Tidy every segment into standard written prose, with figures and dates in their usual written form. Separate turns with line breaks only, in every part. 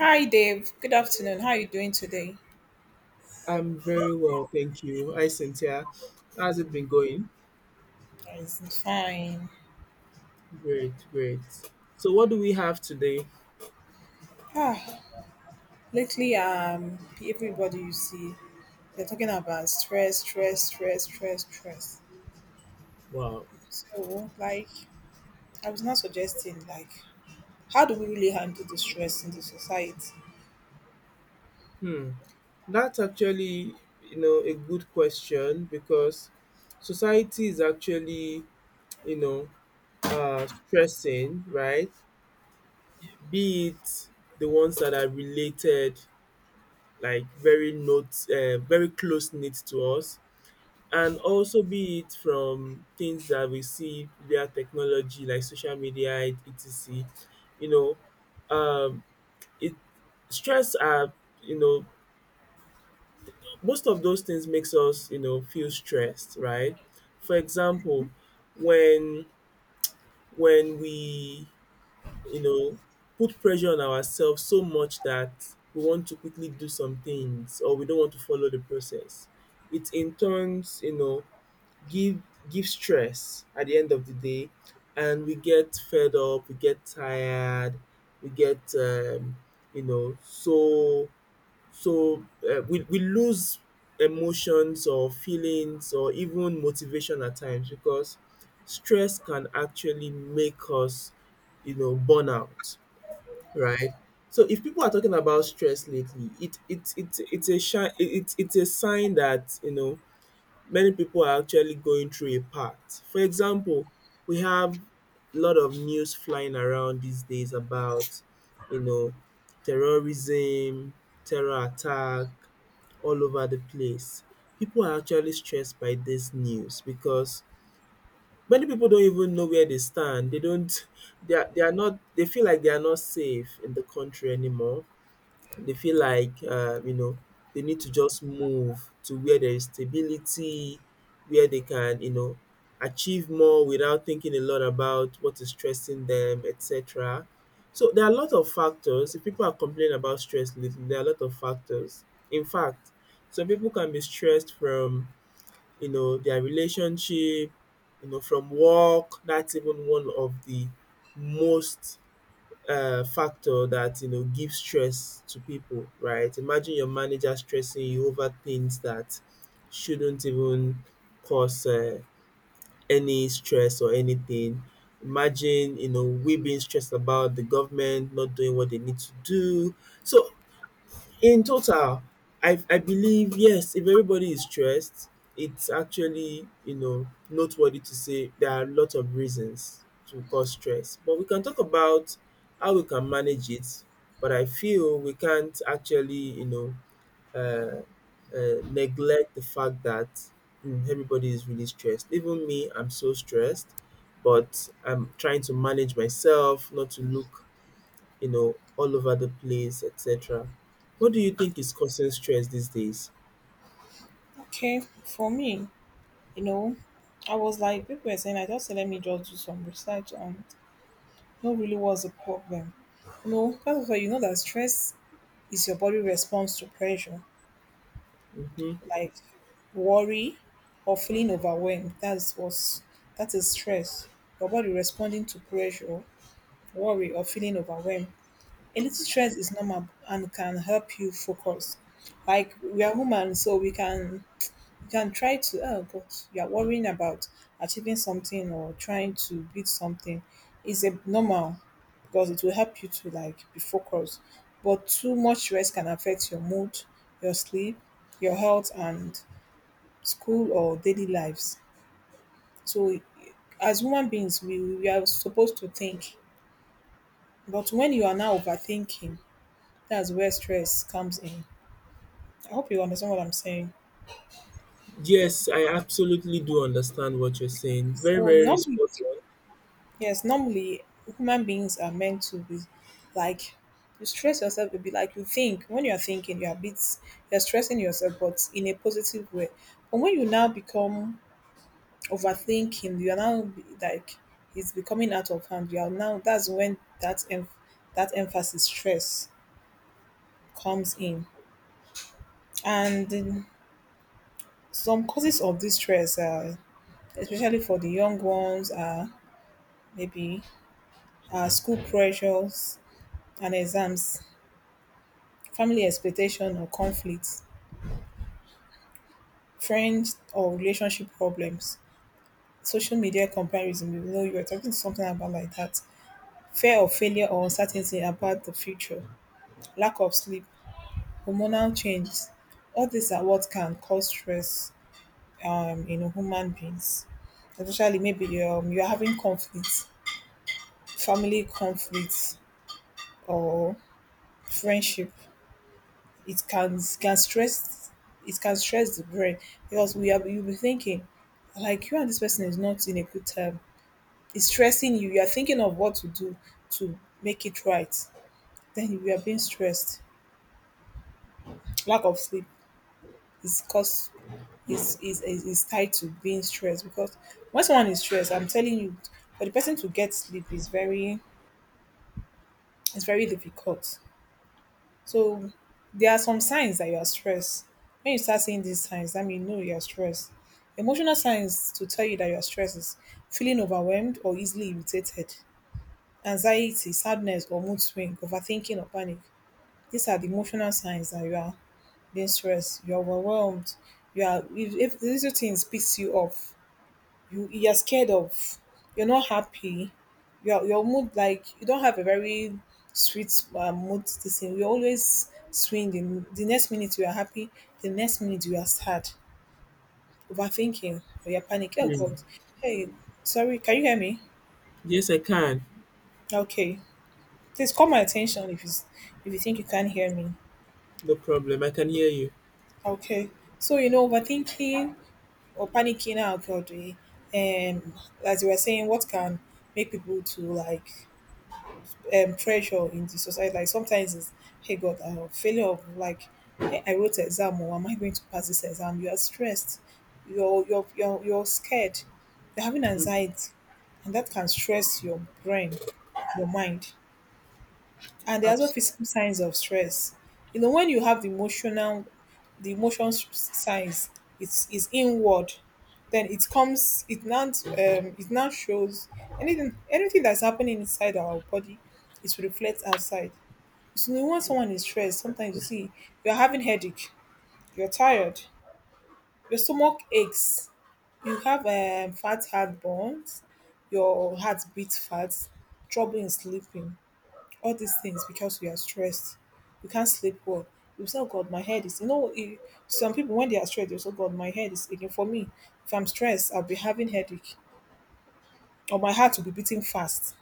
Hi Dave, good afternoon. How are you doing today?
I'm very well, thank you. Hi, Cynthia. How's it been going?
It's fine.
Great, great. So, what do we have today?
Ah, lately, everybody you see, they're talking about stress, stress, stress, stress, stress.
Wow.
So, like, I was not suggesting, how do we really handle the stress in the society?
Hmm. That's actually, you know, a good question because society is actually, you know, stressing, right? Be it the ones that are related, like very note, very close knit to us, and also be it from things that we see via technology like social media etc. you know it stress are You know, most of those things makes us, you know, feel stressed, right? For example, when when we, you know, put pressure on ourselves so much that we want to quickly do some things, or we don't want to follow the process. It in turns, you know, give give stress at the end of the day, and we get fed up, we get tired, we get you know so we, lose emotions or feelings or even motivation at times, because stress can actually make us, you know, burnout right? So if people are talking about stress lately, it's a it's a sign that, you know, many people are actually going through a pact. For example, we have a lot of news flying around these days about, you know, terrorism, terror attack all over the place. People are actually stressed by this news because many people don't even know where they stand. They don't they are not, they feel like they are not safe in the country anymore. They feel like, you know, they need to just move to where there is stability, where they can, you know, achieve more without thinking a lot about what is stressing them, etc. So there are a lot of factors. If people are complaining about stress lately, there are a lot of factors. In fact, some people can be stressed from, you know, their relationship, you know, from work. That's even one of the most factor that, you know, gives stress to people, right? Imagine your manager stressing you over things that shouldn't even cause any stress or anything. Imagine, you know, we being stressed about the government not doing what they need to do. So in total, I believe yes, if everybody is stressed, it's actually, you know, noteworthy to say there are a lot of reasons to cause stress. But we can talk about how we can manage it, but I feel we can't actually, you know, uh, neglect the fact that everybody is really stressed. Even me, I'm so stressed, but I'm trying to manage myself, not to look, you know, all over the place, etc. What do you think is causing stress these days?
Okay, for me, you know, I was like, people were saying, I just said, let me just do some research on, know really what's the problem. You know, first of all, you know that stress is your body response to pressure,
Hmm.
like worry or feeling overwhelmed. That is stress. Your body responding to pressure, worry, or feeling overwhelmed. A little stress is normal and can help you focus. Like we are human, so we can you can try to oh but you're worrying about achieving something or trying to build something is a normal because it will help you to like be focused. But too much rest can affect your mood, your sleep, your health and school or daily lives. So as human beings we are supposed to think. But when you are now overthinking, that's where stress comes in. I hope you understand what I'm saying.
Yes, I absolutely do understand what you're saying. Very,
So
very
not
spot on.
yes, normally human beings are meant to be like you stress yourself a bit, like you think. When you're thinking, you're a bit you're stressing yourself, but in a positive way. But when you now become overthinking, you're now be- like it's becoming out of hand. You are now that's when that emphasis stress comes in. And some causes of this stress are, especially for the young ones, are maybe school pressures and exams, family expectation or conflicts, friends or relationship problems, social media comparison. You know, you were talking something about like that. Fear of failure or uncertainty about the future, lack of sleep, hormonal changes. All these are what can cause stress in human beings. Especially maybe you're having conflicts, family conflicts, or friendship. It can stress, it can stress the brain because we are you'll be thinking like you and this person is not in a good time. It's stressing you. You are thinking of what to do to make it right. Then you are being stressed. Lack of sleep is cause is tied to being stressed because when someone is stressed, I'm telling you, for the person to get sleep is very it's very difficult. So there are some signs that you are stressed. When you start seeing these signs, that means you know you are stressed. Emotional signs to tell you that you are stressed is feeling overwhelmed or easily irritated, anxiety, sadness or mood swing, overthinking or panic. These are the emotional signs that you are being stressed, you are overwhelmed, you are if these two things piss you off, you're scared of you're not happy your mood like you don't have a very sweet mood this thing you always swing. In the next minute you are happy, the next minute you are sad, overthinking or you're panic, oh
Mm.
god, hey, sorry, can you hear me?
Yes, I can.
Okay, please call my attention if you think you can't hear me.
No problem. I can hear you.
Okay, so you know overthinking or panicking out god, um as you were saying what can make people to like pressure in the society. Like sometimes it's, hey God, failure of like, hey, I wrote an exam or am I going to pass this exam? You are stressed. You're scared. You're having anxiety. And that can stress your brain, your mind. And there are also
Absolutely.
physical signs of stress. You know, when you have the emotional, the signs, it's inward. Then it comes, it now shows anything, anything that's happening inside our body it reflects outside. So when someone is stressed, sometimes you see you're having headache, you're tired, your stomach aches, you have fat heartburns, your heart beats fast, trouble in sleeping, all these things because we are stressed. You can't sleep well. You say, oh God, my head is, you know, eh, some people when they are stressed, they say, oh God, my head is aching. For me, if I'm stressed, I'll be having headache or my heart will be beating fast.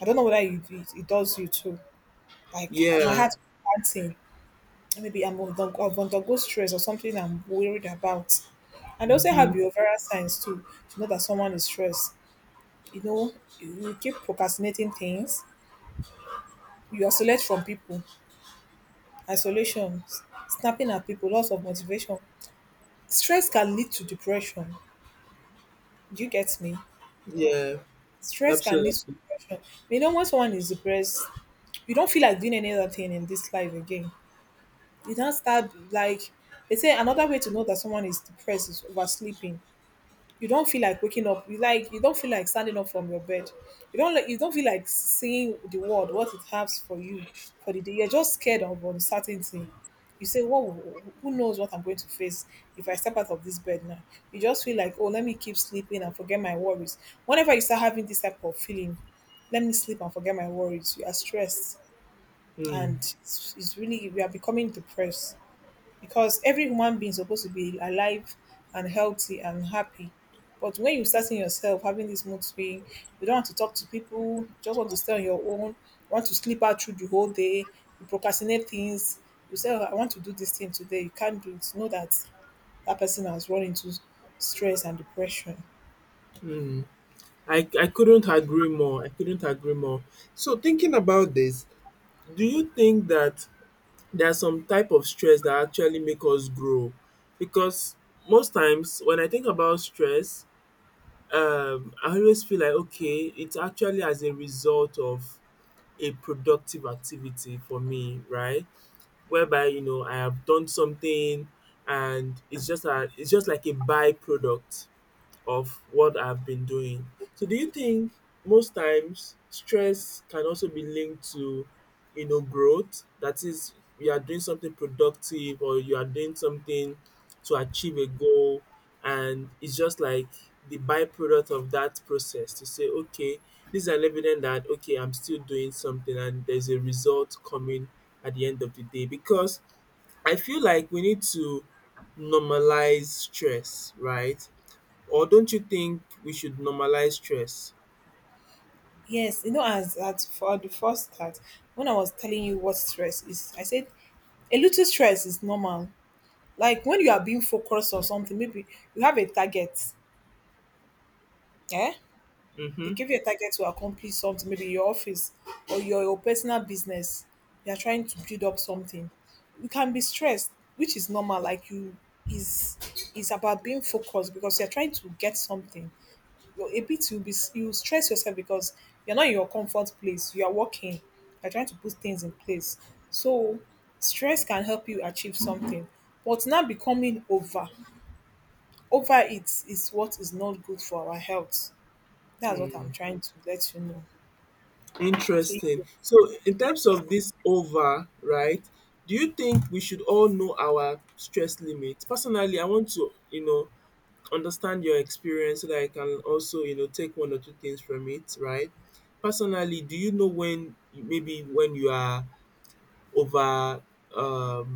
I don't know whether it does you too. Like my
Yeah.
heart will be maybe I've undergo stress or something I'm worried about. And they also have
Mm-hmm.
behavioral signs too to know that someone is stressed. You know, you keep procrastinating things, you isolate from people, isolation, s- snapping at people, loss of motivation. Stress can lead to depression. Do you get me?
Yeah.
Stress can lead to
Absolutely.
depression. You know, when someone is depressed, you don't feel like doing any other thing in this life again. You don't start like they say another way to know that someone is depressed is oversleeping, you don't feel like waking up. You like you don't feel like standing up from your bed. You don't like you don't feel like seeing the world what it has for you for the day. You're just scared of uncertainty. You say, "What? Will- who knows what I'm going to face if I step out of this bed now?" You just feel like, "Oh, let me keep sleeping and forget my worries." Whenever you start having this type of feeling, let me sleep and forget my worries. You are stressed,
Mm.
and it's really you are becoming depressed because every human being is supposed to be alive and healthy and happy. But when you start seeing yourself having this mood swing, you don't want to talk to people, you just want to stay on your own, you want to sleep out through the whole day, you procrastinate things, you say, "Oh, I want to do this thing today, you can't do it." Know that that person has run into stress and depression.
Mm. I couldn't agree more. I couldn't agree more. So, thinking about this, do you think that there are some type of stress that actually make us grow, because most times when I think about stress, I always feel like okay, it's actually as a result of a productive activity for me, right? Whereby, you know, I have done something, and it's just like a byproduct of what I've been doing. So do you think most times stress can also be linked to, you know, growth? That is, you are doing something productive or you are doing something to achieve a goal, and it's just like the byproduct of that process to say, okay, this is an evidence that okay, I'm still doing something and there's a result coming at the end of the day. Because I feel like we need to normalize stress, right? Or don't you think we should normalize stress?
Yes, you know, as at for the first start, when I was telling you what stress is, I said a little stress is normal. Like when you are being focused on something, maybe you have a target. Eh? They
Mhm.
give you a target to accomplish something, maybe your office or your personal business. You are trying to build up something. You can be stressed, which is normal. Like you is is about being focused because you're trying to get something. You're a bit you'll be you stress yourself because you're not in your comfort place. You are working. You're trying to put things in place. So stress can help you achieve something. But now becoming over over it is what is not good for our health. That's what I'm
Mm.
trying to let you know. So you
Interesting.
could-
So in terms of this over, right, do you think we should all know our stress limit? Personally, I want to, you know, understand your experience so that I can also, you know, take one or two things from it, right? Personally, do you know when, maybe when you are over um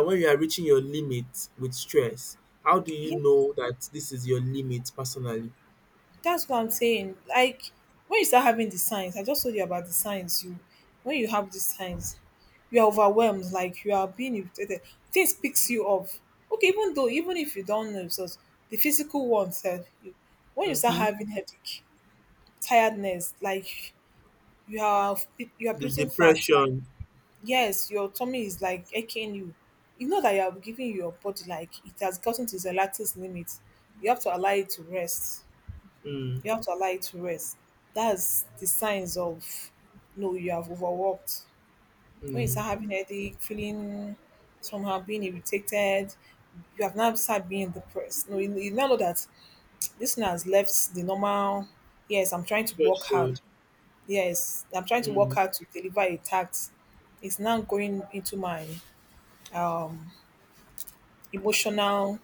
when you are reaching your limit with stress? How do you
yeah,
know that this is your limit personally?
that's what I'm saying. Like when you start having the signs, I just told you about the signs. You when you have these signs, you are overwhelmed, like you are being irritated. Things picks you off. Okay, even though even if you don't know, so the physical one self, you, when you start
Mhm.
having headache, tiredness, like you are you are
The
breathing facts,
depression.
yes, your tummy is like aching you. You know that you are giving your body like it has gotten to the latest limit. You have to allow it to rest.
Mm.
You have to allow it to rest. That's the signs of no, you have overworked. When you
Mm.
start having headache, feeling somehow being irritated, you have now started being depressed. No, you now know that this one has left the normal. Yes, I'm trying to work
Threshold.
hard. Yes, I'm trying to work
Mm.
hard to deliver a task. It's now going into my um emotional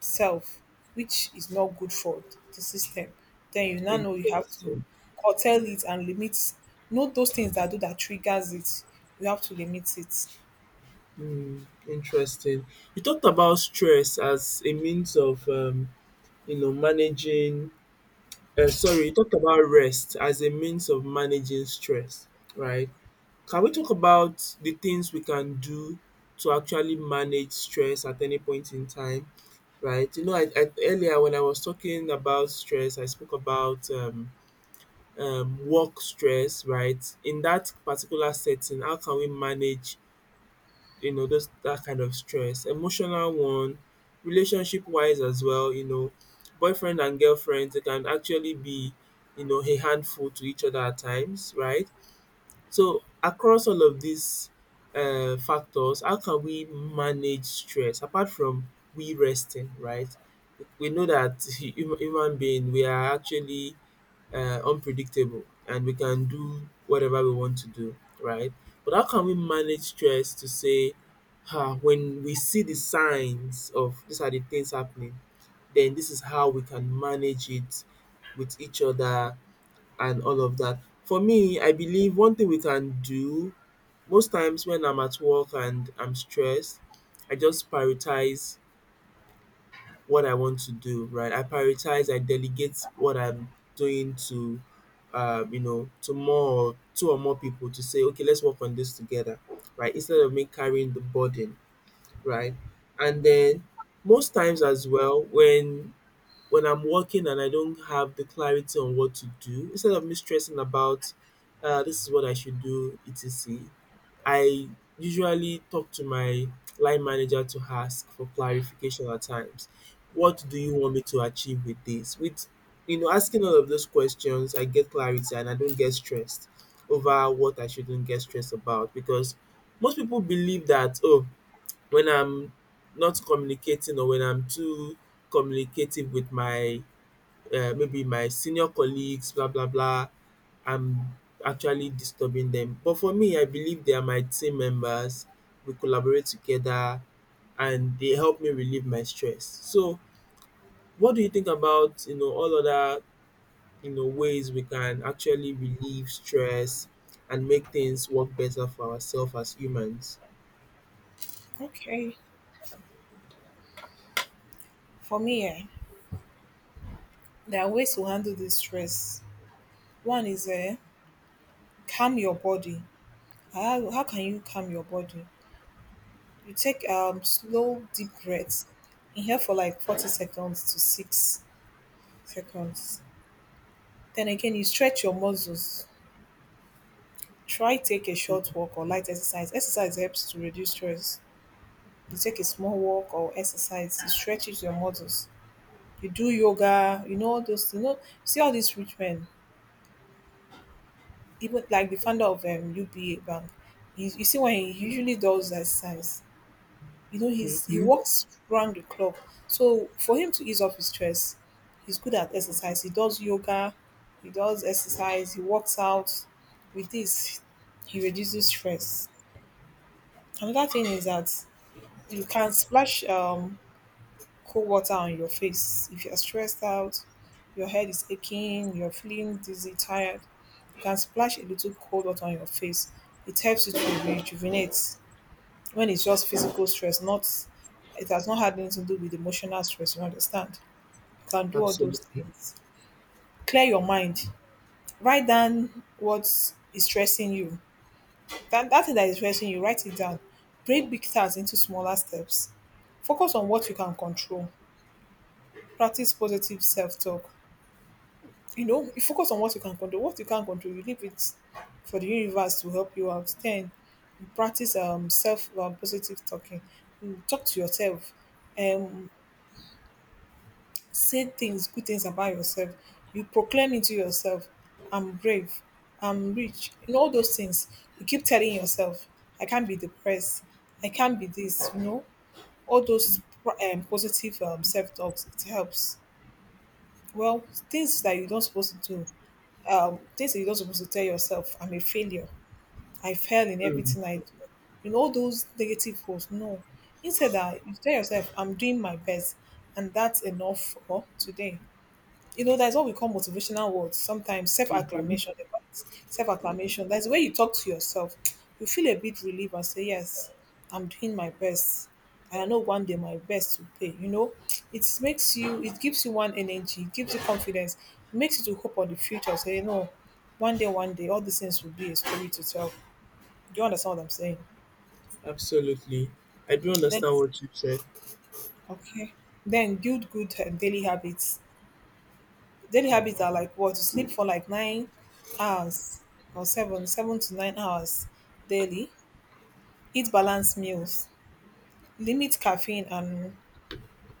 self, which is not good for the system, then you now know you have to
Interesting.
curtail it and limit. Know those things that do that triggers it. You have to limit it.
Mm, interesting. You talked about stress as a means of, you know, managing. Sorry, you talked about rest as a means of managing stress, right? Can we talk about the things we can do to actually manage stress at any point in time, right? You know, earlier when I was talking about stress, I spoke about work stress, right? In that particular setting, how can we manage, you know, those that kind of stress? Emotional one, relationship wise as well, you know, boyfriend and girlfriend, they can actually be, you know, a handful to each other at times, right? So across all of these factors, how can we manage stress apart from we resting, right? We know that human being, we are actually unpredictable and we can do whatever we want to do, right? But how can we manage stress to say, ah, when we see the signs of these are the things happening, then this is how we can manage it with each other and all of that. For me, I believe one thing we can do most times when I'm at work and I'm stressed, I just prioritize what I want to do, right? I prioritize, I delegate what I'm doing to, you know, to more or two or more people to say, okay, let's work on this together, right? Instead of me carrying the burden, right? And then most times as well, when I'm working and I don't have the clarity on what to do, instead of me stressing about, this is what I should do, etc. I usually talk to my line manager to ask for clarification at times. What do you want me to achieve with this? With, you know, asking all of those questions, I get clarity and I don't get stressed over what I shouldn't get stressed about, because most people believe that oh, when I'm not communicating or when I'm too communicative with my maybe my senior colleagues, blah blah blah. I'm actually disturbing them. But for me, I believe they are my team members. We collaborate together, and they help me relieve my stress. So, what do you think about, you know, all other, you know, ways we can actually relieve stress and make things work better for ourselves as humans?
Okay. For me, eh, there are ways to handle this stress. One is calm your body. How can you calm your body? You take slow deep breaths. Inhale for like 40 seconds to 6 seconds. Then again, you stretch your muscles, try take a short walk or light exercise. Exercise helps to reduce stress. You take a small walk or exercise, it stretches your muscles. You do yoga, you know all those, you know, see all these rich men, even like the founder of UBA Bank, you see when he usually does that exercise, you know he's he
Mm-hmm.
walks round the clock. So for him to ease off his stress, he's good at exercise, he does yoga, he does exercise, he works out. With this he reduces stress. Another thing is that you can splash cold water on your face if you're stressed out, your head is aching, you're feeling dizzy, tired. You can splash a little cold water on your face. It helps you to rejuvenate when it's just physical stress, not it has not had anything to do with emotional stress, you understand? You can do all those
Absolutely.
things. Clear your mind. Write down what is stressing you. That thing that is stressing you, write it down. Break big tasks into smaller steps. Focus on what you can control. Practice positive self-talk. You know, you focus on what you can control. What you can't control, you leave it for the universe to help you out. Then you practice self positive talking. You talk to yourself. Um, Say things, good things about yourself. You proclaim into yourself, I'm brave, I'm rich. You know, all those things. You keep telling yourself, I can't be depressed. I can't be this. You know, all those positive self talks. It helps. Well, things that you're not supposed to do, things that you're not supposed to tell yourself, I'm a failure. I fail in
Mm.
everything I do. You know, all those negative words, no. Instead that you tell yourself, I'm doing my best and that's enough for today. You know, that's what we call motivational words. Sometimes
Hmm.
self-acclamation, they call it self-acclamation. That's where you talk to yourself. You feel a bit relieved and say, yes, I'm doing my best. And I know one day my best will pay. You know, it gives you one energy, it gives you confidence, it makes you to hope on the future. Say, you know, one day, all these things will be a story to tell. Do you understand what I'm saying?
Absolutely. I do
Then
understand what you said.
okay. Then build good daily habits. Daily habits are like what, to sleep for like 9 hours, or seven to nine hours daily, eat balanced meals, limit caffeine and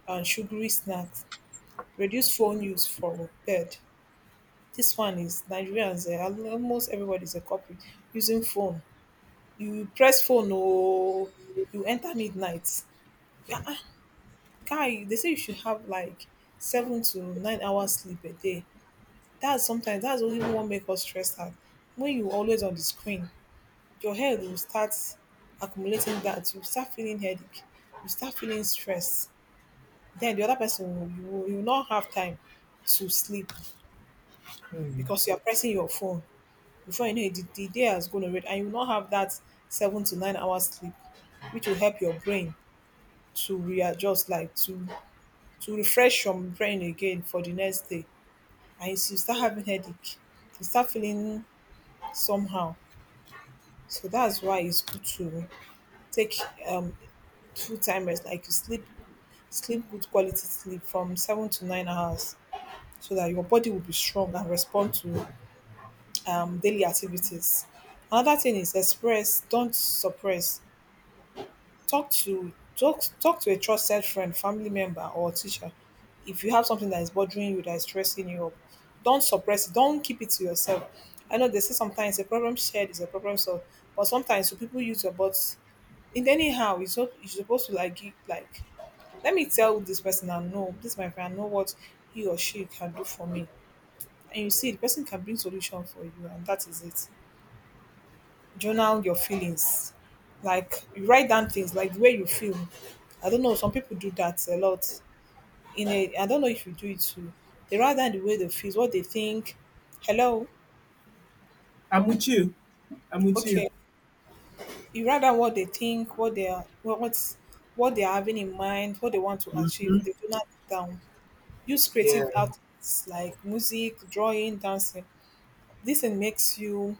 sugary snacks, reduce phone use for bed. This one is Nigerians, eh, almost everybody is a culprit using phone. You press phone or you enter midnight. Ah, ah, guy, they say you should have like 7 to 9 hours sleep a day. That's sometimes that's only what make us stressed out. When you always on the screen, your head will start accumulating that. You start feeling headache. You start feeling stress. Then the other person will you will not have time to sleep because you are pressing your phone. Before you know it, the day is going to already, and you will not have that 7 to 9 hours sleep, which will help your brain to readjust, like to refresh your brain again for the next day. And you start having headache. You start feeling somehow. So that's why it's good to take um full time rest, like you sleep good quality sleep from 7 to 9 hours, so that your body will be strong and respond to daily activities. Another thing is express, don't suppress. Talk to a trusted friend, family member, or teacher. If you have something that is bothering you, that is stressing you up, don't suppress it. Don't keep it to yourself. I know they say sometimes a problem shared is a problem solved, but sometimes you people use your body in anyhow it's so you supposed to like give like let me tell this person I know this my friend I know what he or she can do for me and you see the person can bring solution for you and that is it. Journal your feelings, like you write down things like the way you feel. I don't know, some people do that a lot. In a I don't know if you do it too, they write down the way they feel, what they think. Hello.
I'm with you. I'm with you.
Okay, you write down what they think, what they are, what's what they are having in mind, what they want to achieve, they do not down. Use creative
Yeah.
outlets like music, drawing, dancing. This thing makes you,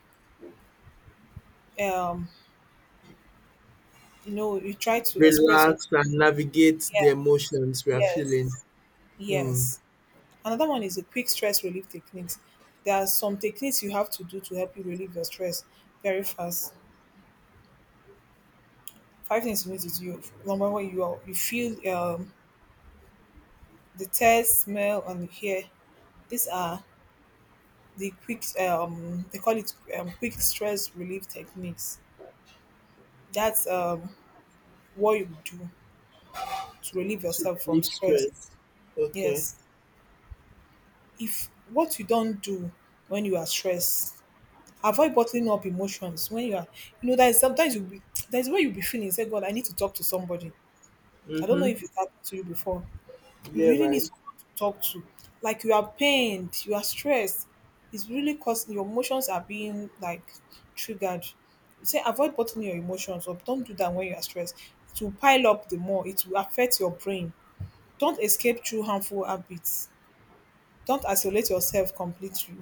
um, you know, you try to express your.
Relax and navigate
Yeah,
the emotions we are feeling.
yes,
Mm.
yes. Another one is the quick stress relief techniques. There are some techniques you have to do to help you relieve your stress very fast. Five things you need to do. Number one, you are, you feel the taste, smell, and hear. These are the quick they call it quick stress relief techniques. That's what you do to relieve
To
yourself from
relieve
stress.
stress. Okay.
Yes. If what you don't do when you are stressed, avoid bottling up emotions when you are, you know, there's sometimes there's where you'll be feeling, say, God, I need to talk to somebody. I don't know
Mm-hmm.
if it's happened to you before. You
Yeah,
really need
right.
someone to talk to. Like you are pained, you are stressed. It's really causing your emotions are being like triggered. Say avoid bottling your emotions up. Don't do that when you are stressed. It will pile up the more. It will affect your brain. Don't escape through harmful habits. Don't isolate yourself completely.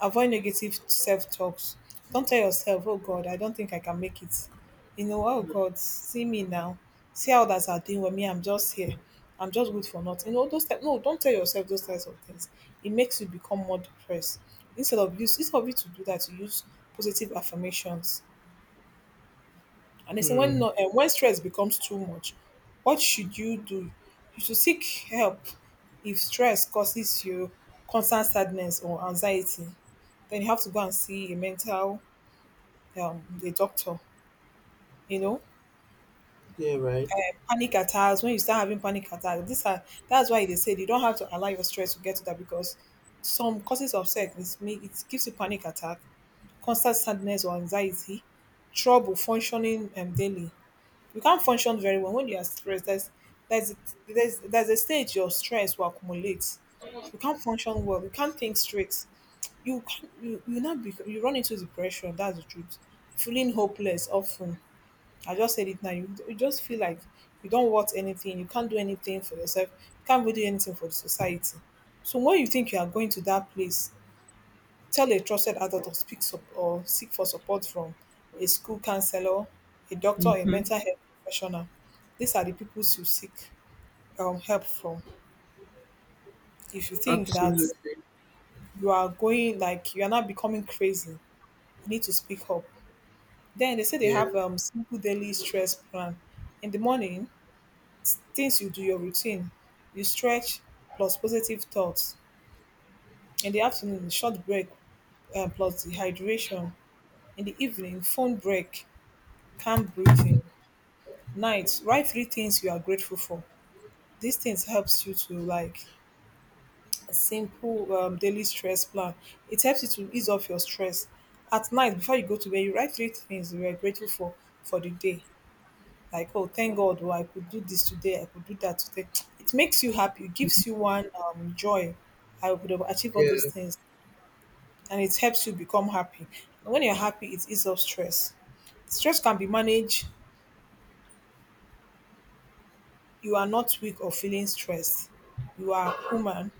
Avoid negative self talks. Don't tell yourself, oh God, I don't think I can make it. You know, oh God, see me now. See how others are doing with me. I'm just here. I'm just good for nothing. You know, those type, no, don't tell yourself those types of things. It makes you become more depressed. Instead of you to do that, you use positive affirmations. And they say when
Mm.
no, when stress becomes too much, what should you do? You should seek help if stress causes you constant sadness or anxiety. Then you have to go and see a mental a doctor. You know,
Yeah, right.
uh, panic attacks. When you start having panic attacks, these are that's why they said you don't have to allow your stress to get to that because some causes of sex is me it gives you panic attack, constant sadness or anxiety, trouble functioning daily. You can't function very well when you are stressed. There's there's a stage your stress will accumulate. You can't function well. You can't think straight. You can't, you now be, you run into depression. That's the truth. Feeling hopeless often. I just said it now. You just feel like you don't want anything. You can't do anything for yourself. You can't really do anything for the society. So when you think you are going to that place, tell a trusted adult or seek for support from a school counselor, a doctor, a
Mm-hmm.
mental health professional. These are the people to seek help from. If you think that
Absolutely.
you are going like you are not becoming crazy, you need to speak up. Then they say they have
Yeah,
simple daily stress plan. In the morning, things you do your routine, you stretch plus positive thoughts. In the afternoon, short break plus dehydration. In the evening, phone break, calm breathing. Night, write three things you are grateful for. These things helps you to like a simple daily stress plan. It helps you to ease off your stress. At night, before you go to bed, you write three things you are grateful for the day. Like, oh, thank God, oh, I could do this today. I could do that today. It makes you happy. It gives you one joy. I would have achieved all those
yeah.
things, and it helps you become happy. And when you're happy, it eases off stress. Stress can be managed. You are not weak or feeling stressed. You are human.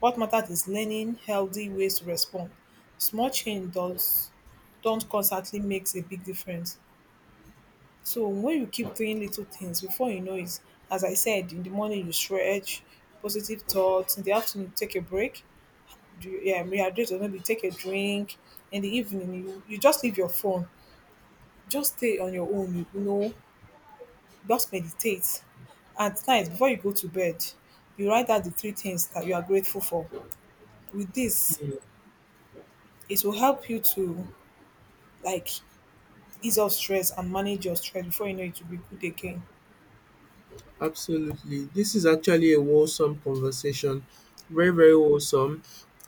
What matters is learning healthy ways to respond. Small change does don't constantly makes a big difference. So when you keep doing little things before you know it, as I said, in the morning you stretch, positive thoughts, in the afternoon take a break, do yeah, rehydrate or maybe take a drink, in the evening you just leave your phone. Just stay on your own, you know, just meditate. At night, before you go to bed, you write out the three things that you are grateful for. With this,
Mm.
it will help you to like ease off stress and manage your stress before you know it will be good again.
Absolutely. This is actually a wholesome conversation. Very, very wholesome,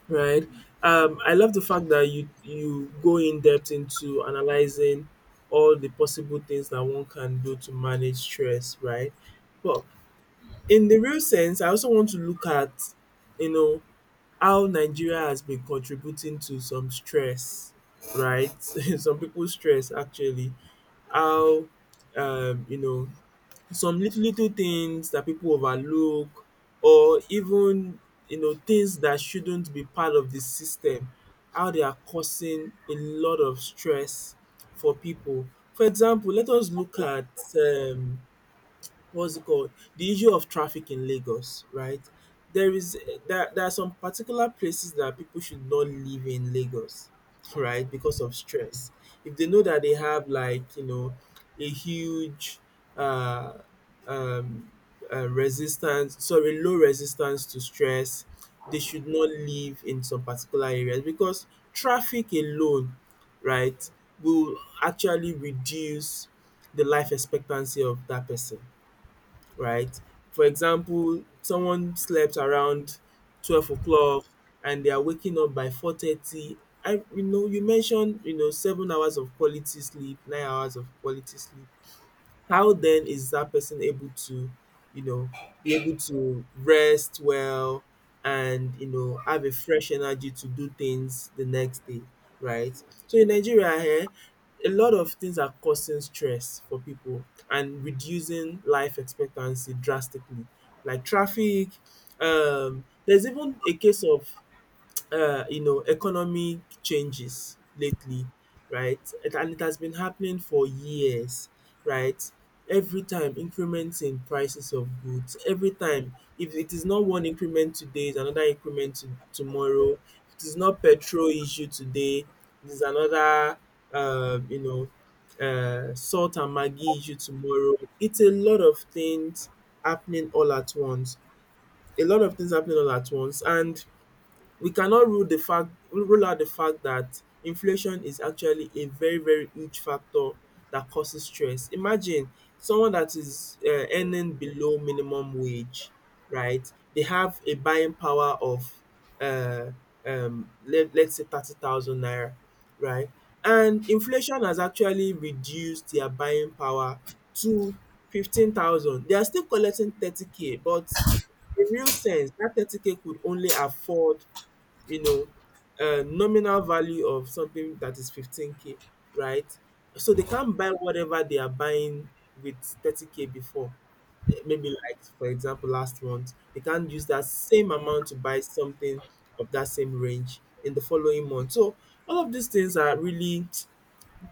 right? I love the fact that you go in depth into analyzing all the possible things that one can do to manage stress, right? But in the real sense I also want to look at, you know, how Nigeria has been contributing to some stress, right? Some people's stress actually, how, you know, some little little things that people overlook, or even, you know, things that shouldn't be part of the system, how they are causing a lot of stress for people. For example, let us look at um what's it called, the issue of traffic in Lagos, right? there is there, there are some particular places that people should not live in Lagos, right, because of stress. If they know that they have like, you know, a huge uh um resistance, sorry, low resistance to stress, they should not live in some particular areas because traffic alone, right, will actually reduce the life expectancy of that person, right? For example, someone slept around 12 o'clock and they are waking up by 4:30. I, you know, you mentioned you know 7 hours of quality sleep, 9 hours of quality sleep. How then is that person able to, you know, be able to rest well and, you know, have a fresh energy to do things the next day, right? So in Nigeria here, a lot of things are causing stress for people and reducing life expectancy drastically, like traffic. Um, there's even a case of, you know, economic changes lately, right? And it has been happening for years, right? Every time increments in prices of goods, every time, if it is not one increment today, it's another increment to, tomorrow. If it is not petrol issue today, it is another, you know, salt and maggi issue tomorrow. It's a lot of things happening all at once. A lot of things happening all at once. And we cannot rule out the fact that inflation is actually a very very huge factor that causes stress. Imagine someone that is earning below minimum wage, right? They have a buying power of uh, let's say 30,000 naira, right? And inflation has actually reduced their buying power to 15,000. They are still collecting 30K, but in real sense that 30K could only afford you know nominal value of something that is 15K, right. So they can't buy whatever they are buying with 30K before. Maybe, like, for example, last month they can't use that same amount to buy something of that same range in the following month. So all of these things are really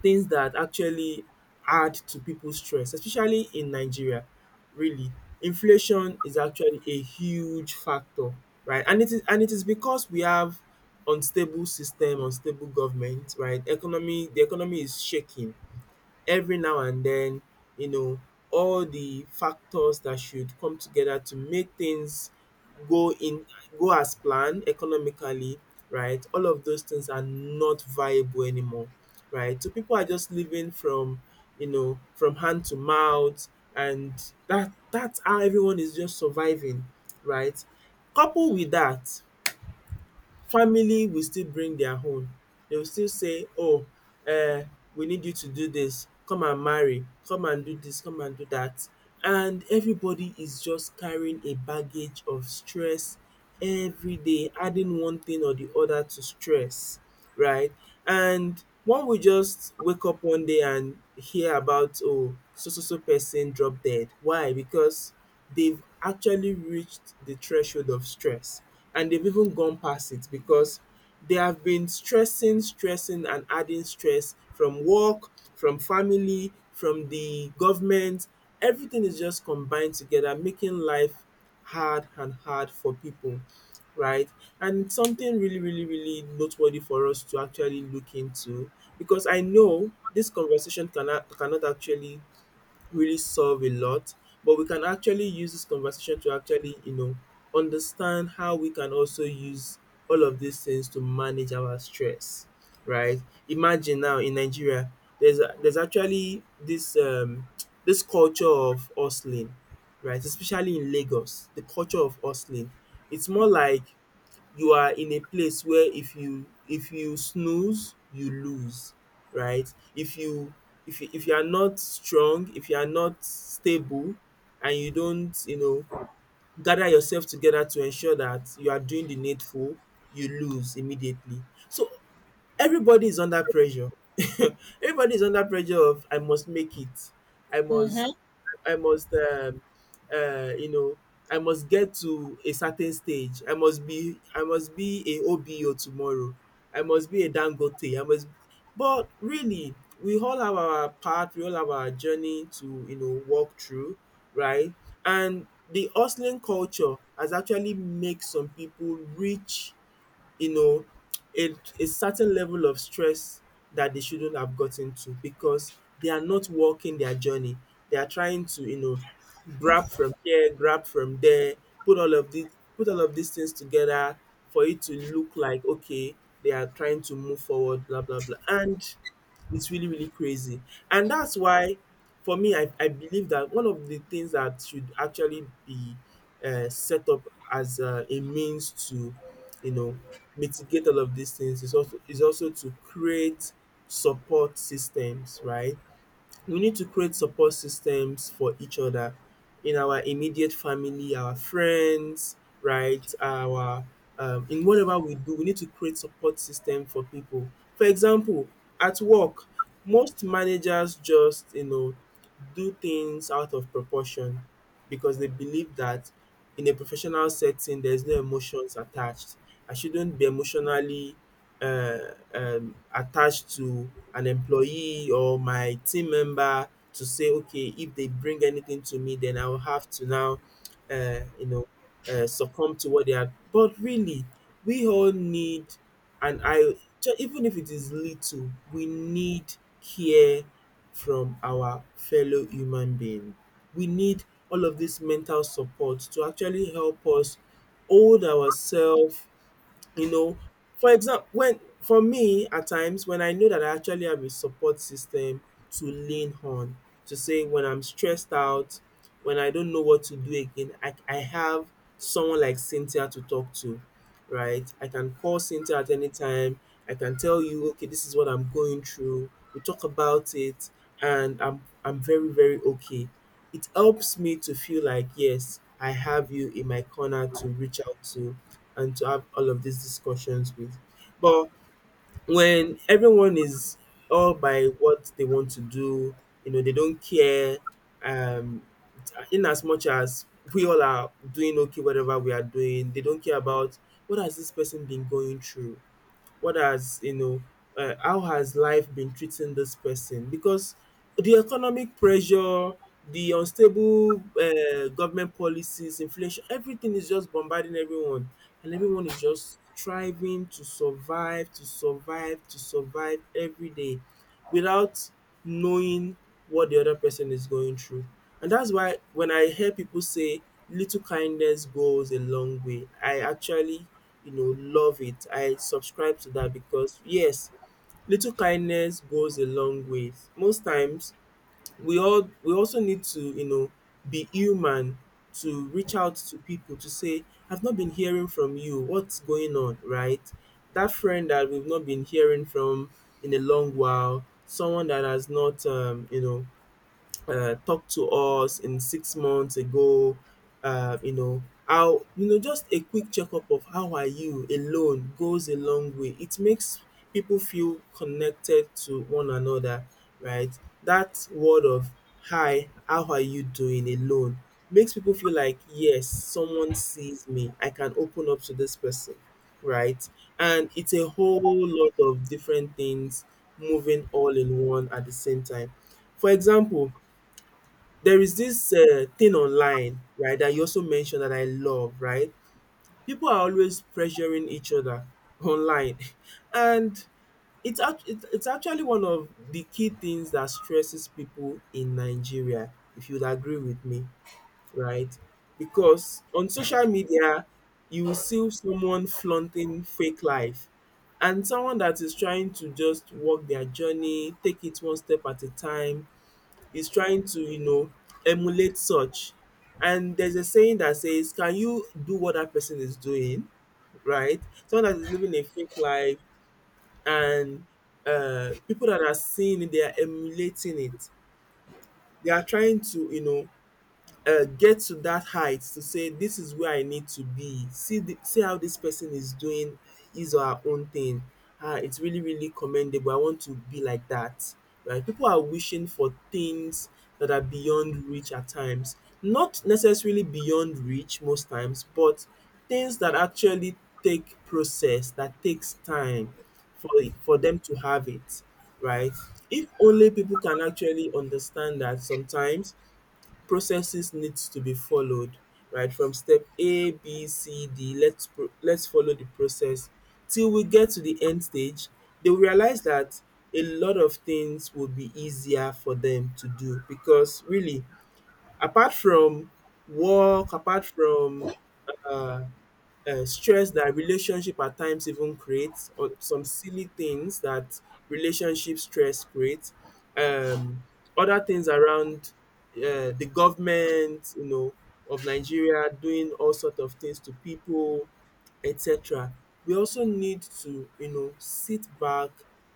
things that actually add to people's stress, especially in Nigeria, really. Inflation is actually a huge factor, right? And it is because we have unstable system, unstable government, right? Economy the economy is shaking every now and then, you know, all the factors that should come together to make things go in go as planned economically, right. All of those things are not viable anymore, right? So people are just living from hand to mouth, and that's how everyone is just surviving, right? Coupled with that, family will still bring their own. They will still say, "Oh, uh, we need you to do this. Come and marry. Come and do this. Come and do that." And everybody is just carrying a baggage of stress every day, adding one thing or the other to stress, right? And one will just wake up one day and hear about, "Oh, so so so person drop dead." Why? Because they've actually reached the threshold of stress, and they've even gone past it because they have been stressing, stressing, and adding stress from work, from family, from the government. Everything is just combined together, making life hard and hard for people, right? And it's something really, really, really noteworthy for us to actually look into, because I know this conversation cannot actually really solve a lot, but we can actually use this conversation to actually, understand how we can also use all of these things to manage our stress, right? Imagine now in Nigeria, there's actually this this culture of hustling, right? Especially in Lagos, the culture of hustling. It's more like you are in a place where if you snooze, you lose, right? If you are not strong, if you are not stable, and you don't gather yourself together to ensure that you are doing the needful, you lose immediately. So everybody is under pressure. Everybody is under pressure of, "I must make it. i must
Hmm.
I must, um, uh, you know, I must get to a certain stage. I must be a OBO tomorrow. I must be a Dangote. I must." But really, we all have our path. We all have our journey to, walk through, right? And the hustling culture has actually made some people rich, you know, a, a certain level of stress that they shouldn't have gotten to because they are not walking their journey. They are trying to, grab from here, grab from there, put all of these things together for it to look like, okay, they are trying to move forward, blah blah blah. And it's really, really crazy. And that's why, for me, I believe that one of the things that should actually be set up as a means to you know mitigate all of these things is also to create support systems, right. We need to create support systems for each other, in our immediate family, our friends, right? Our In whatever we do, we need to create support system for people. For example, at work, most managers just do things out of proportion because they believe that in a professional setting there's no emotions attached. I shouldn't be emotionally uh, attached to an employee or my team member to say, okay, if they bring anything to me, then I will have to now, uh, you know, succumb to what they are. But really, we all need, and even if it is little, we need care from our fellow human being. We need all of this mental support to actually help us hold ourselves. you know for example, when for me, at times when I know that I actually have a support system to lean on, to say when I'm stressed out, when I don't know what to do again, I have someone like Cynthia to talk to. Right? I can call Cynthia at any time. I can tell you, okay, this is what I'm going through. We talk about it, and I'm very very okay. It helps me to feel like, yes, I have you in my corner to reach out to and to have all of these discussions with. But when everyone is all by what they want to do, they don't care. Um, in as much as we all are doing okay, whatever we are doing, they don't care about what has this person been going through, what has you know how has life been treating this person. Because the economic pressure, the unstable government policies, inflation, everything is just bombarding everyone, and everyone is just striving to survive, to survive, to survive every day without knowing what the other person is going through. And that's why when I hear people say little kindness goes a long way, I actually, love it. I subscribe to that because, yes, little kindness goes a long way. Most times, we also need to be human, to reach out to people, to say, "I've not been hearing from you, what's going on?" Right? That friend that we've not been hearing from in a long while, someone that has not talk to us in 6 months ago. You know how you know Just a quick checkup of "How are you?" alone goes a long way. It makes people feel connected to one another, right. That word of "Hi, how are you doing?" alone makes people feel like, yes, someone sees me, I can open up to this person, right. And it's a whole lot of different things moving all in one at the same time. For example, there is this thing online, right, that you also mentioned that I love, right? People are always pressuring each other online, and it's actually one of the key things that stresses people in Nigeria, if you'd agree with me, right? Because on social media, you will see someone flaunting fake life, and someone that is trying to just walk their journey, take it one step at a time, is trying to, emulate such. And there's a saying that says, "Can you do what that person is doing?" Right? Someone that is living a fake life, and people that are seeing it, they are emulating it. They are trying to, get to that height, to say, "This is where I need to be. See how this person is doing his or her own thing. Ah, it's really really commendable. I want to be like that." Right? People are wishing for things that are beyond reach at times. Not necessarily beyond reach most times, but things that actually take process, that takes time for them to have it, right? If only people can actually understand that sometimes processes needs to be followed right from step a, b, c, d, let's follow the process till we get to the end stage, they will realize that a lot of things will be easier for them to do. Because really, apart from work, apart from uh stress that relationship at times even creates, or some silly things that relationship stress creates, um other things around, the government, of Nigeria doing all sort of things to people, etc. We also need to, sit back,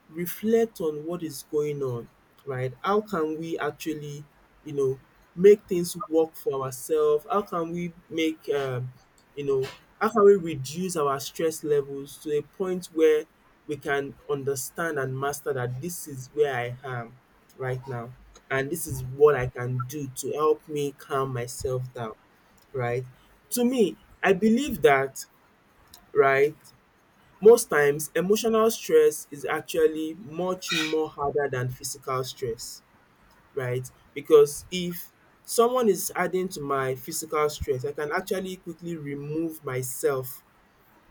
reflect on what is going on, right? How can we actually, you know, make things work for ourselves? You know, how can we reduce our stress levels to a point where we can understand and master that this is where I am right now, and this is what I can do to help me calm myself down, right? To me, I believe that, right? Most times, emotional stress is actually much more harder than physical stress, right? Because if someone is adding to my physical stress, I can actually quickly remove myself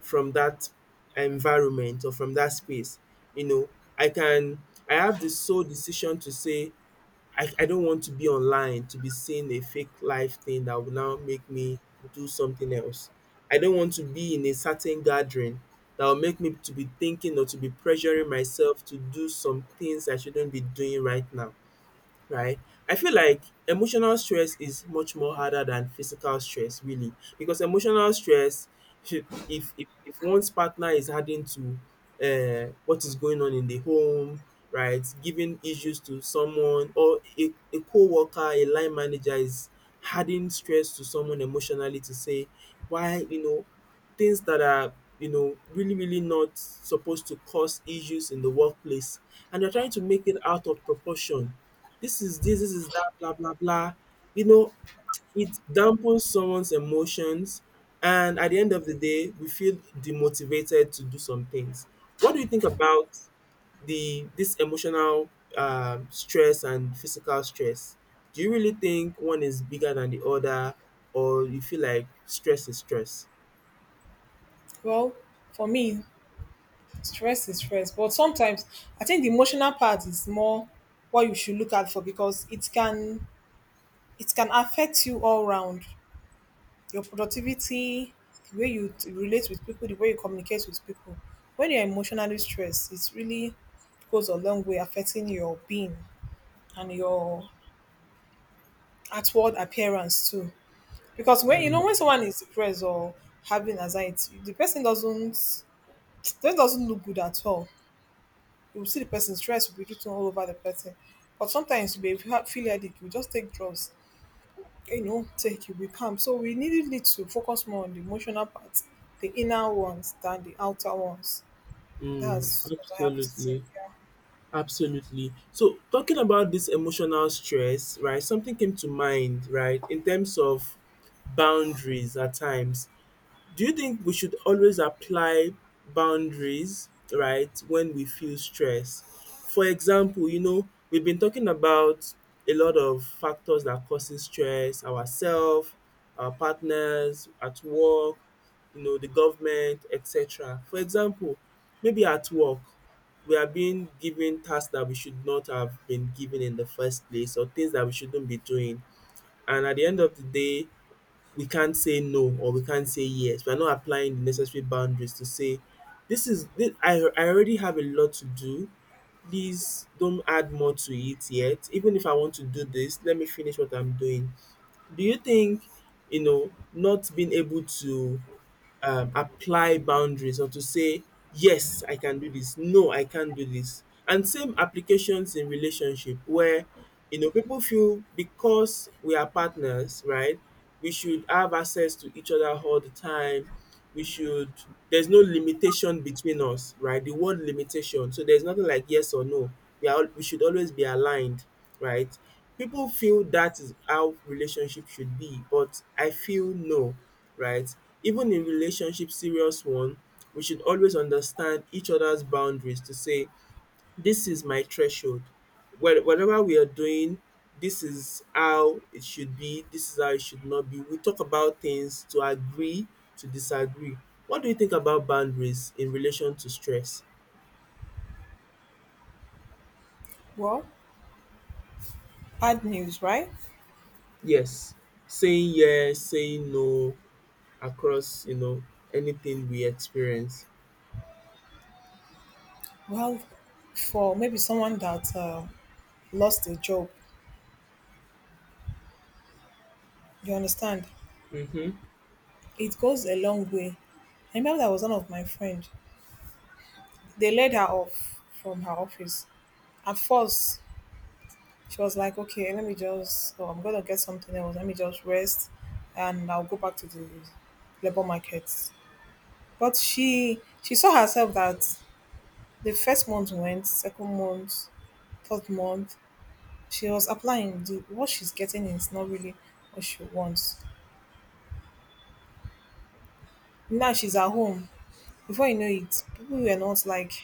from that environment or from that space. You know, I can, I have the sole decision to say, I don't want to be online to be seeing a fake life thing that will now make me do something else. I don't want to be in a certain gathering that will make me to be thinking or to be pressuring myself to do some things I shouldn't be doing right now, right? I feel like emotional stress is much more harder than physical stress, really, because emotional stress, if one's partner is adding to what is going on in the home, right, giving issues to someone or a co-worker, a line manager is adding stress to someone emotionally to say why, you know, things that are, you know, really really not supposed to cause issues in the workplace and they're trying to make it out of proportion, this is this, this is that, blah, blah, blah. You know, it dampens someone's emotions. And at the end of the day, we feel demotivated to do some things. What do you think about the this emotional stress and physical stress? Do you really think one is bigger than the other, or you feel like stress is stress?
Well, for me, stress is stress, but sometimes I think the emotional part is more what you should look out for because it can affect you all round. Your productivity, the way relate with people, the way you communicate with people. When you're emotionally stressed, it really goes a long way affecting your being and your outward appearance too. Because when you
Mm,
know when someone is depressed or having anxiety, the person doesn't that doesn't look good at all. You will see the person stress will be written all over the person. But sometimes you may feel headache, you just take drugs you know, take you become. So we needed it to focus more on the emotional parts, the inner ones than the outer ones.
mm,
That's what I have to say.
absolutely.
Yeah.
Absolutely. So talking about this emotional stress, right, something came to mind, right, in terms of boundaries at times. Do you think we should always apply boundaries, right, when we feel stress? For example, you know, we've been talking about a lot of factors that causes stress, ourselves, our partners, at work, you know, the government, etc. For example, maybe at work, we are being given tasks that we should not have been given in the first place or things that we shouldn't be doing. And at the end of the day, we can't say no or we can't say yes. We're not applying the necessary boundaries to say, this is, this, I already have a lot to do. Please don't add more to it yet. Even if I want to do this, let me finish what I'm doing. Do you think, you know, not being able to apply boundaries or to say yes I can do this, no I can't do this. And same applications in relationship where you know people feel because we are partners, right? We should have access to each other all the time. We should, there's no limitation between us, right? The word limitation. So there's nothing like yes or no. We should always be aligned, right? People feel that is how relationship should be, but I feel no, right? Even in relationship, serious one, we should always understand each other's boundaries to say, this is my threshold. Whatever we are doing, this is how it should be, this is how it should not be. We talk about things to agree, to disagree. What do you think about boundaries in relation to stress?
Well, bad news, right?
Yes, yes, saying no across, you know, anything we experience.
Well, for maybe someone that lost a job, you understand,
Mm-hmm,
it goes a long way. I remember that was one of my friend. They laid her off from her office. At first, she was like, okay, let me just, oh, I'm going to get something else. Let me just rest and I'll go back to the labor market. But she saw herself that the first month went, second month, third month, she was applying. The, what she's getting is not really what she wants. Now she's at home. Before you know it, people were not like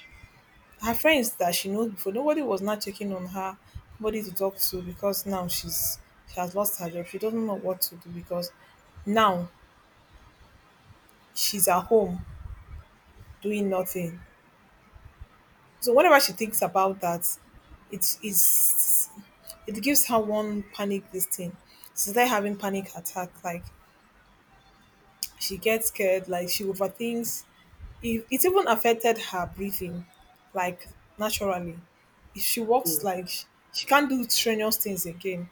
her friends that she knows before. Nobody was not checking on her, nobody to talk to because now she has lost her job. She doesn't know what to do because now she's at home doing nothing. So whenever she thinks about that, it is it gives her one panic this thing. She's like having panic attack. Like she gets scared. Like she overthinks. It even affected her breathing, like naturally. If she walks,
mm
like she can't do strenuous things again.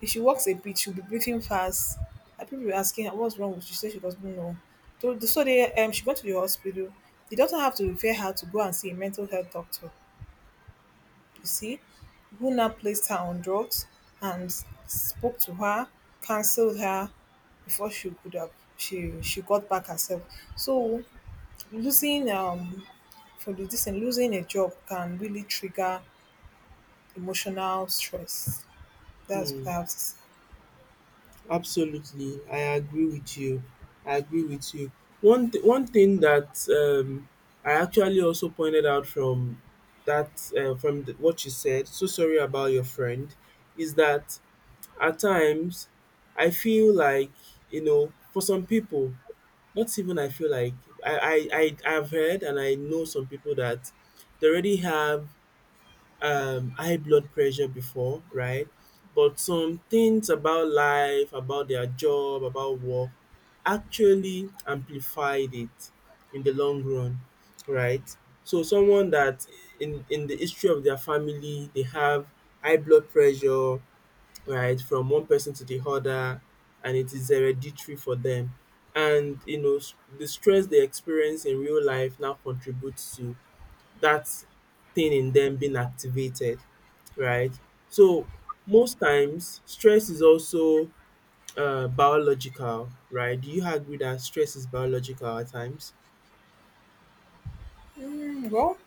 If she walks a bit, she'll be breathing fast. And people were asking her what's wrong with you. She said she doesn't know. So they she went to the hospital. The doctor had to refer her to go and see a mental health doctor. You see, who now placed her on drugs and spoke to her, counseled her before she could have she got back herself. So losing for the this thing, losing a job can really trigger emotional stress. That's what
hmm
I have to say.
Absolutely, I agree with you. I agree with you. One thing that, I actually also pointed out from that, from the, what you said. So sorry about your friend. Is that at times I feel like you know for some people, not even I feel like I have heard and I know some people that they already have high blood pressure before, right? But some things about life, about their job, about work actually amplified it in the long run, right? So someone that in the history of their family they have high blood pressure, right, from one person to the other and it is hereditary for them. And you know the stress they experience in real life now contributes to that thing in them being activated, right? So most times stress is also, biological, right? Do you agree that stress is biological at times?
Well,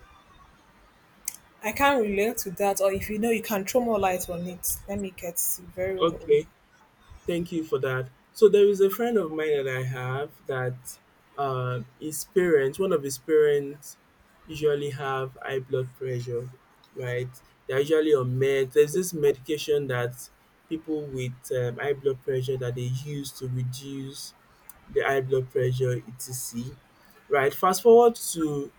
I can relate to that, or if you know, you can throw more light on it. Let me get very well.
Okay, thank you for that. So there is a friend of mine that I have that, his parents, one of his parents, usually have high blood pressure, right? They're usually on meds. There's this medication that people with, high blood pressure that they use to reduce the high blood pressure, etc. Right? Fast forward to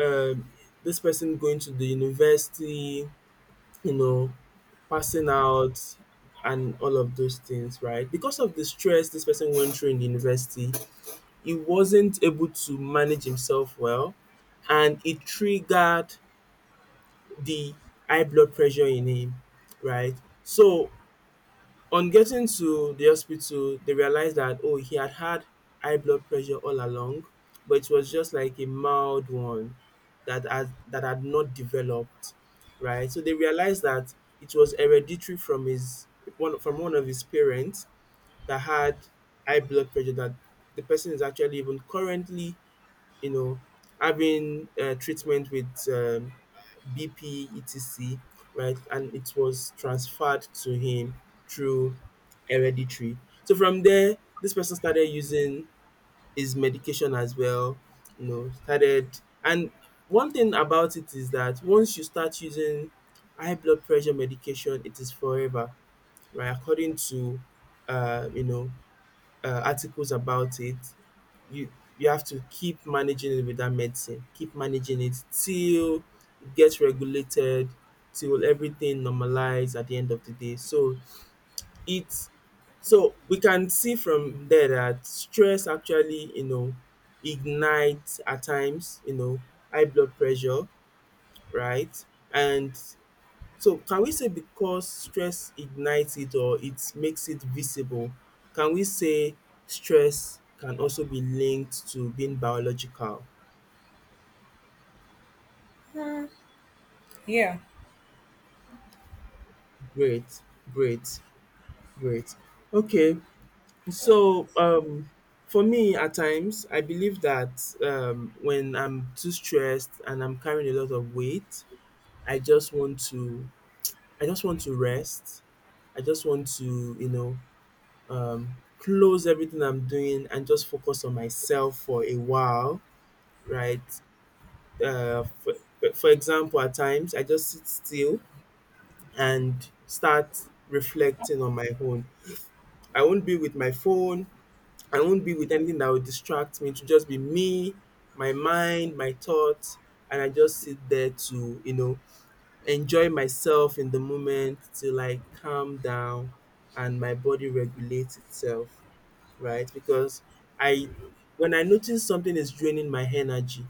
um, this person going to the university, you know, passing out and all of those things, right? Because of the stress this person went through in the university, he wasn't able to manage himself well and it triggered the high blood pressure in him, right? So on getting to the hospital, they realized that, oh, he had had high blood pressure all along, but it was just like a mild one that that had not developed, right? So they realized that it was hereditary from his one from one of his parents that had high blood pressure, that the person is actually even currently, you know, having, treatment with, BP, etc. Right? And it was transferred to him through hereditary. So from there this person started using his medication as well, you know, started. And one thing about it is that once you start using high blood pressure medication it is forever, right? According to, you know, articles about it, you you have to keep managing it with that medicine, keep managing it till it gets regulated, till everything normalize at the end of the day. So it's so we can see from there that stress actually, you know, ignites at times, you know, high blood pressure, right? And so can we say because stress ignites it or it makes it visible, can we say stress can also be linked to being biological?
Yeah.
Great, great, great. Okay, so, for me, at times, I believe that, when I'm too stressed and I'm carrying a lot of weight, I just want to, I just want to rest. I just want to, you know, close everything I'm doing and just focus on myself for a while, right? Uh, for, for example, at times I just sit still and start reflecting on my own. I won't be with my phone. I won't be with anything that would distract me. To just be me, my mind, my thoughts, and I just sit there to you know enjoy myself in the moment till I calm down and my body regulates itself, right? Because I when I notice something is draining my energy,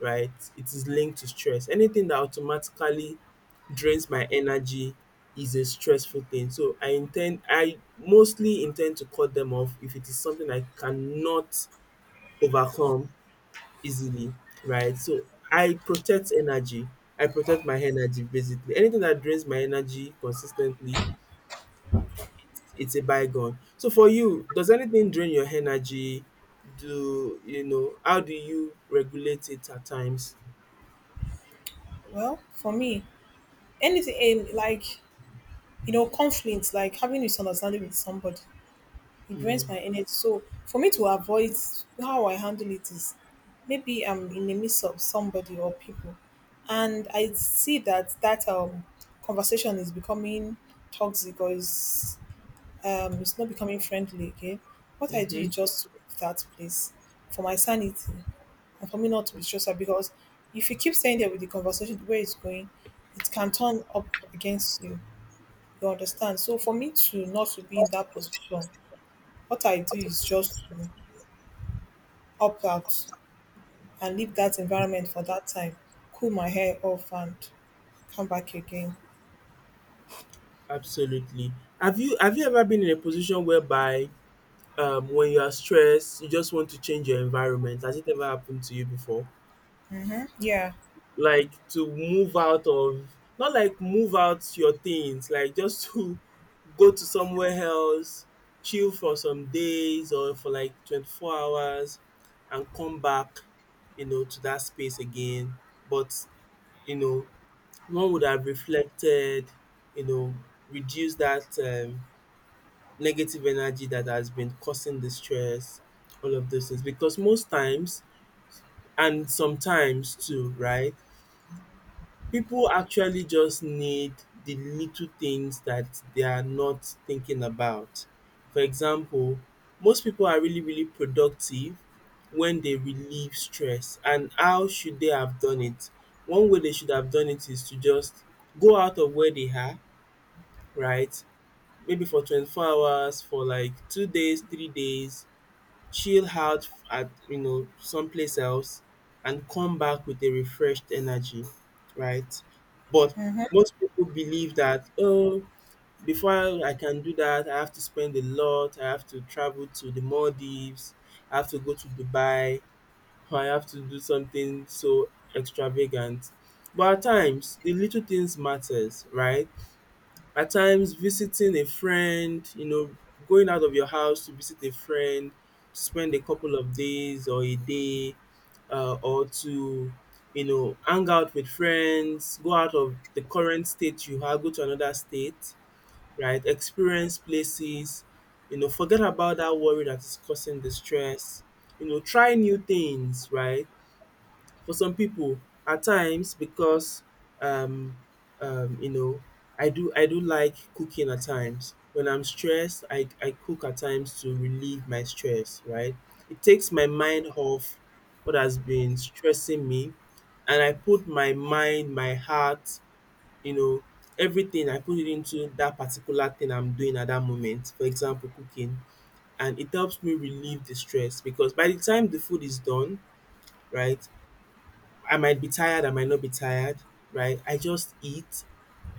right, it is linked to stress. Anything that automatically drains my energy is a stressful thing. So I mostly intend to cut them off if it is something I cannot overcome easily, right? So I protect energy. I protect my energy basically. Anything that drains my energy consistently, it's a bygone. So for you, does anything drain your energy? Do you know how do you regulate it at times?
Well, for me, anything in like you know, conflict, like having misunderstanding with somebody, it drains
Mm,
my energy. So for me to avoid how I handle it is maybe I'm in the midst of somebody or people, and I see that that conversation is becoming toxic or is it's not becoming friendly again. What I do is
mm-hmm,
just to leave that place for my sanity and for me not to be stressful because if you keep staying there with the conversation the way it's going, it can turn up against you. You understand? So for me to not to be in that position, what I do is just to opt out and leave that environment for that time, cool my hair off and come back again.
absolutely. Have you ever been in a position whereby, when you are stressed, you just want to change your environment? Has it ever happened to you before?
Yeah.
Like to move out of, not like move out your things, like just to go to somewhere else, chill for some days or for like 24 hours and come back, you know, to that space again. But, you know, one would have reflected, you know, reduce that, negative energy that has been causing the stress, all of those things. Because most times, and sometimes too, right? People actually just need the little things that they are not thinking about. For example, most people are really, really productive when they relieve stress. And how should they have done it? One way they should have done it is to just go out of where they are, right? Maybe for 24 hours, for like 2 days, 3 days, chill out at you know someplace else and come back with a refreshed energy, right? But
Mm-hmm.
most people believe that oh, before I can do that, I have to spend a lot. I have to travel to the Maldives. I have to go to Dubai. Or I have to do something so extravagant. But at times, the little things matters, right? At times visiting a friend, you know, going out of your house to visit a friend, spend a couple of days or a day, or to, you know, hang out with friends, go out of the current state you have, go to another state, right? Experience places, you know, forget about that worry that is causing the stress, you know, try new things, right? For some people at times because, um you know, I do like cooking at times when I'm stressed, I cook at times to relieve my stress, right? It takes my mind off what has been stressing me and I put my mind, my heart, you know, everything, I put it into that particular thing I'm doing at that moment, for example cooking. And it helps me relieve the stress because by the time the food is done, right, I might be tired, I might not be tired, right? I just eat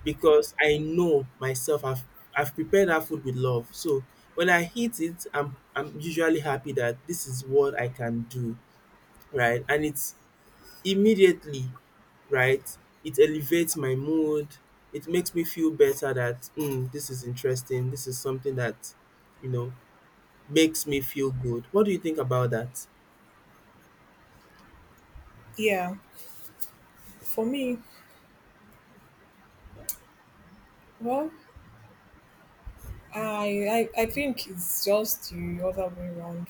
because I know myself, I've prepared that food with love. So when I eat it, I'm usually happy that this is what I can do, right? And it's immediately, right? It elevates my mood. It makes me feel better that mm, this is interesting. This is something that, you know, makes me feel good. What do you think about that?
Yeah. For me, well, I think it's just the other way around.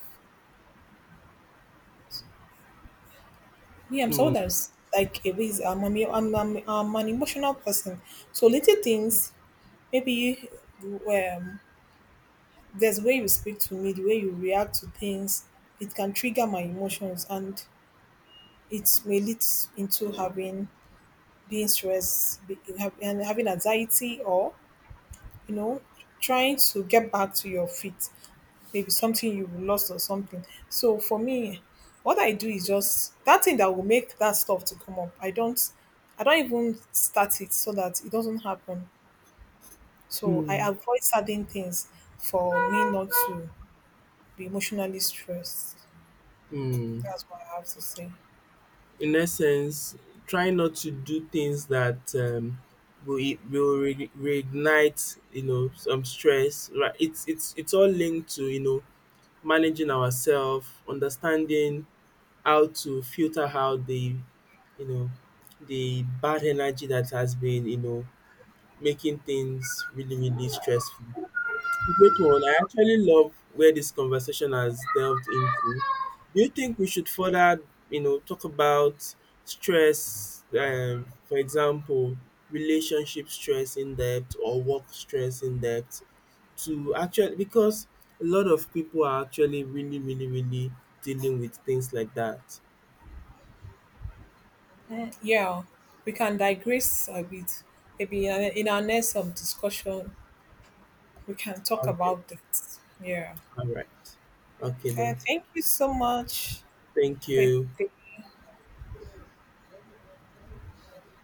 Yeah, I'm someone
Mm,
that's like a ways. I'm an emotional person. So little things, maybe um, there's way you speak to me, the way you react to things, it can trigger my emotions, and it may lead into having being stressed be- have- and having anxiety, or you know, trying to get back to your feet. Maybe something you lost or something. So for me, what I do is just that thing that will make that stuff to come up. I don't even start it so that it doesn't happen. So I
mm,
avoid certain things for me not to be emotionally stressed.
mm.
That's what I have to say.
In essence, try not to do things that, will reignite you know some stress. Right, it's all linked to you know managing ourselves, understanding how to filter out the, you know, the bad energy that has been you know making things really really stressful. Great one. I actually love where this conversation has delved into. Do you think we should further, you know, talk about stress, for example, relationship stress in depth or work stress in depth, to actually because a lot of people are actually really, really, really dealing with things like that.
Yeah, we can digress a bit. Maybe in our next discussion, we can talk
Okay.
about that. Yeah.
All right. Okay then.
Thank you so much.
Thank
Have a
you.
good day.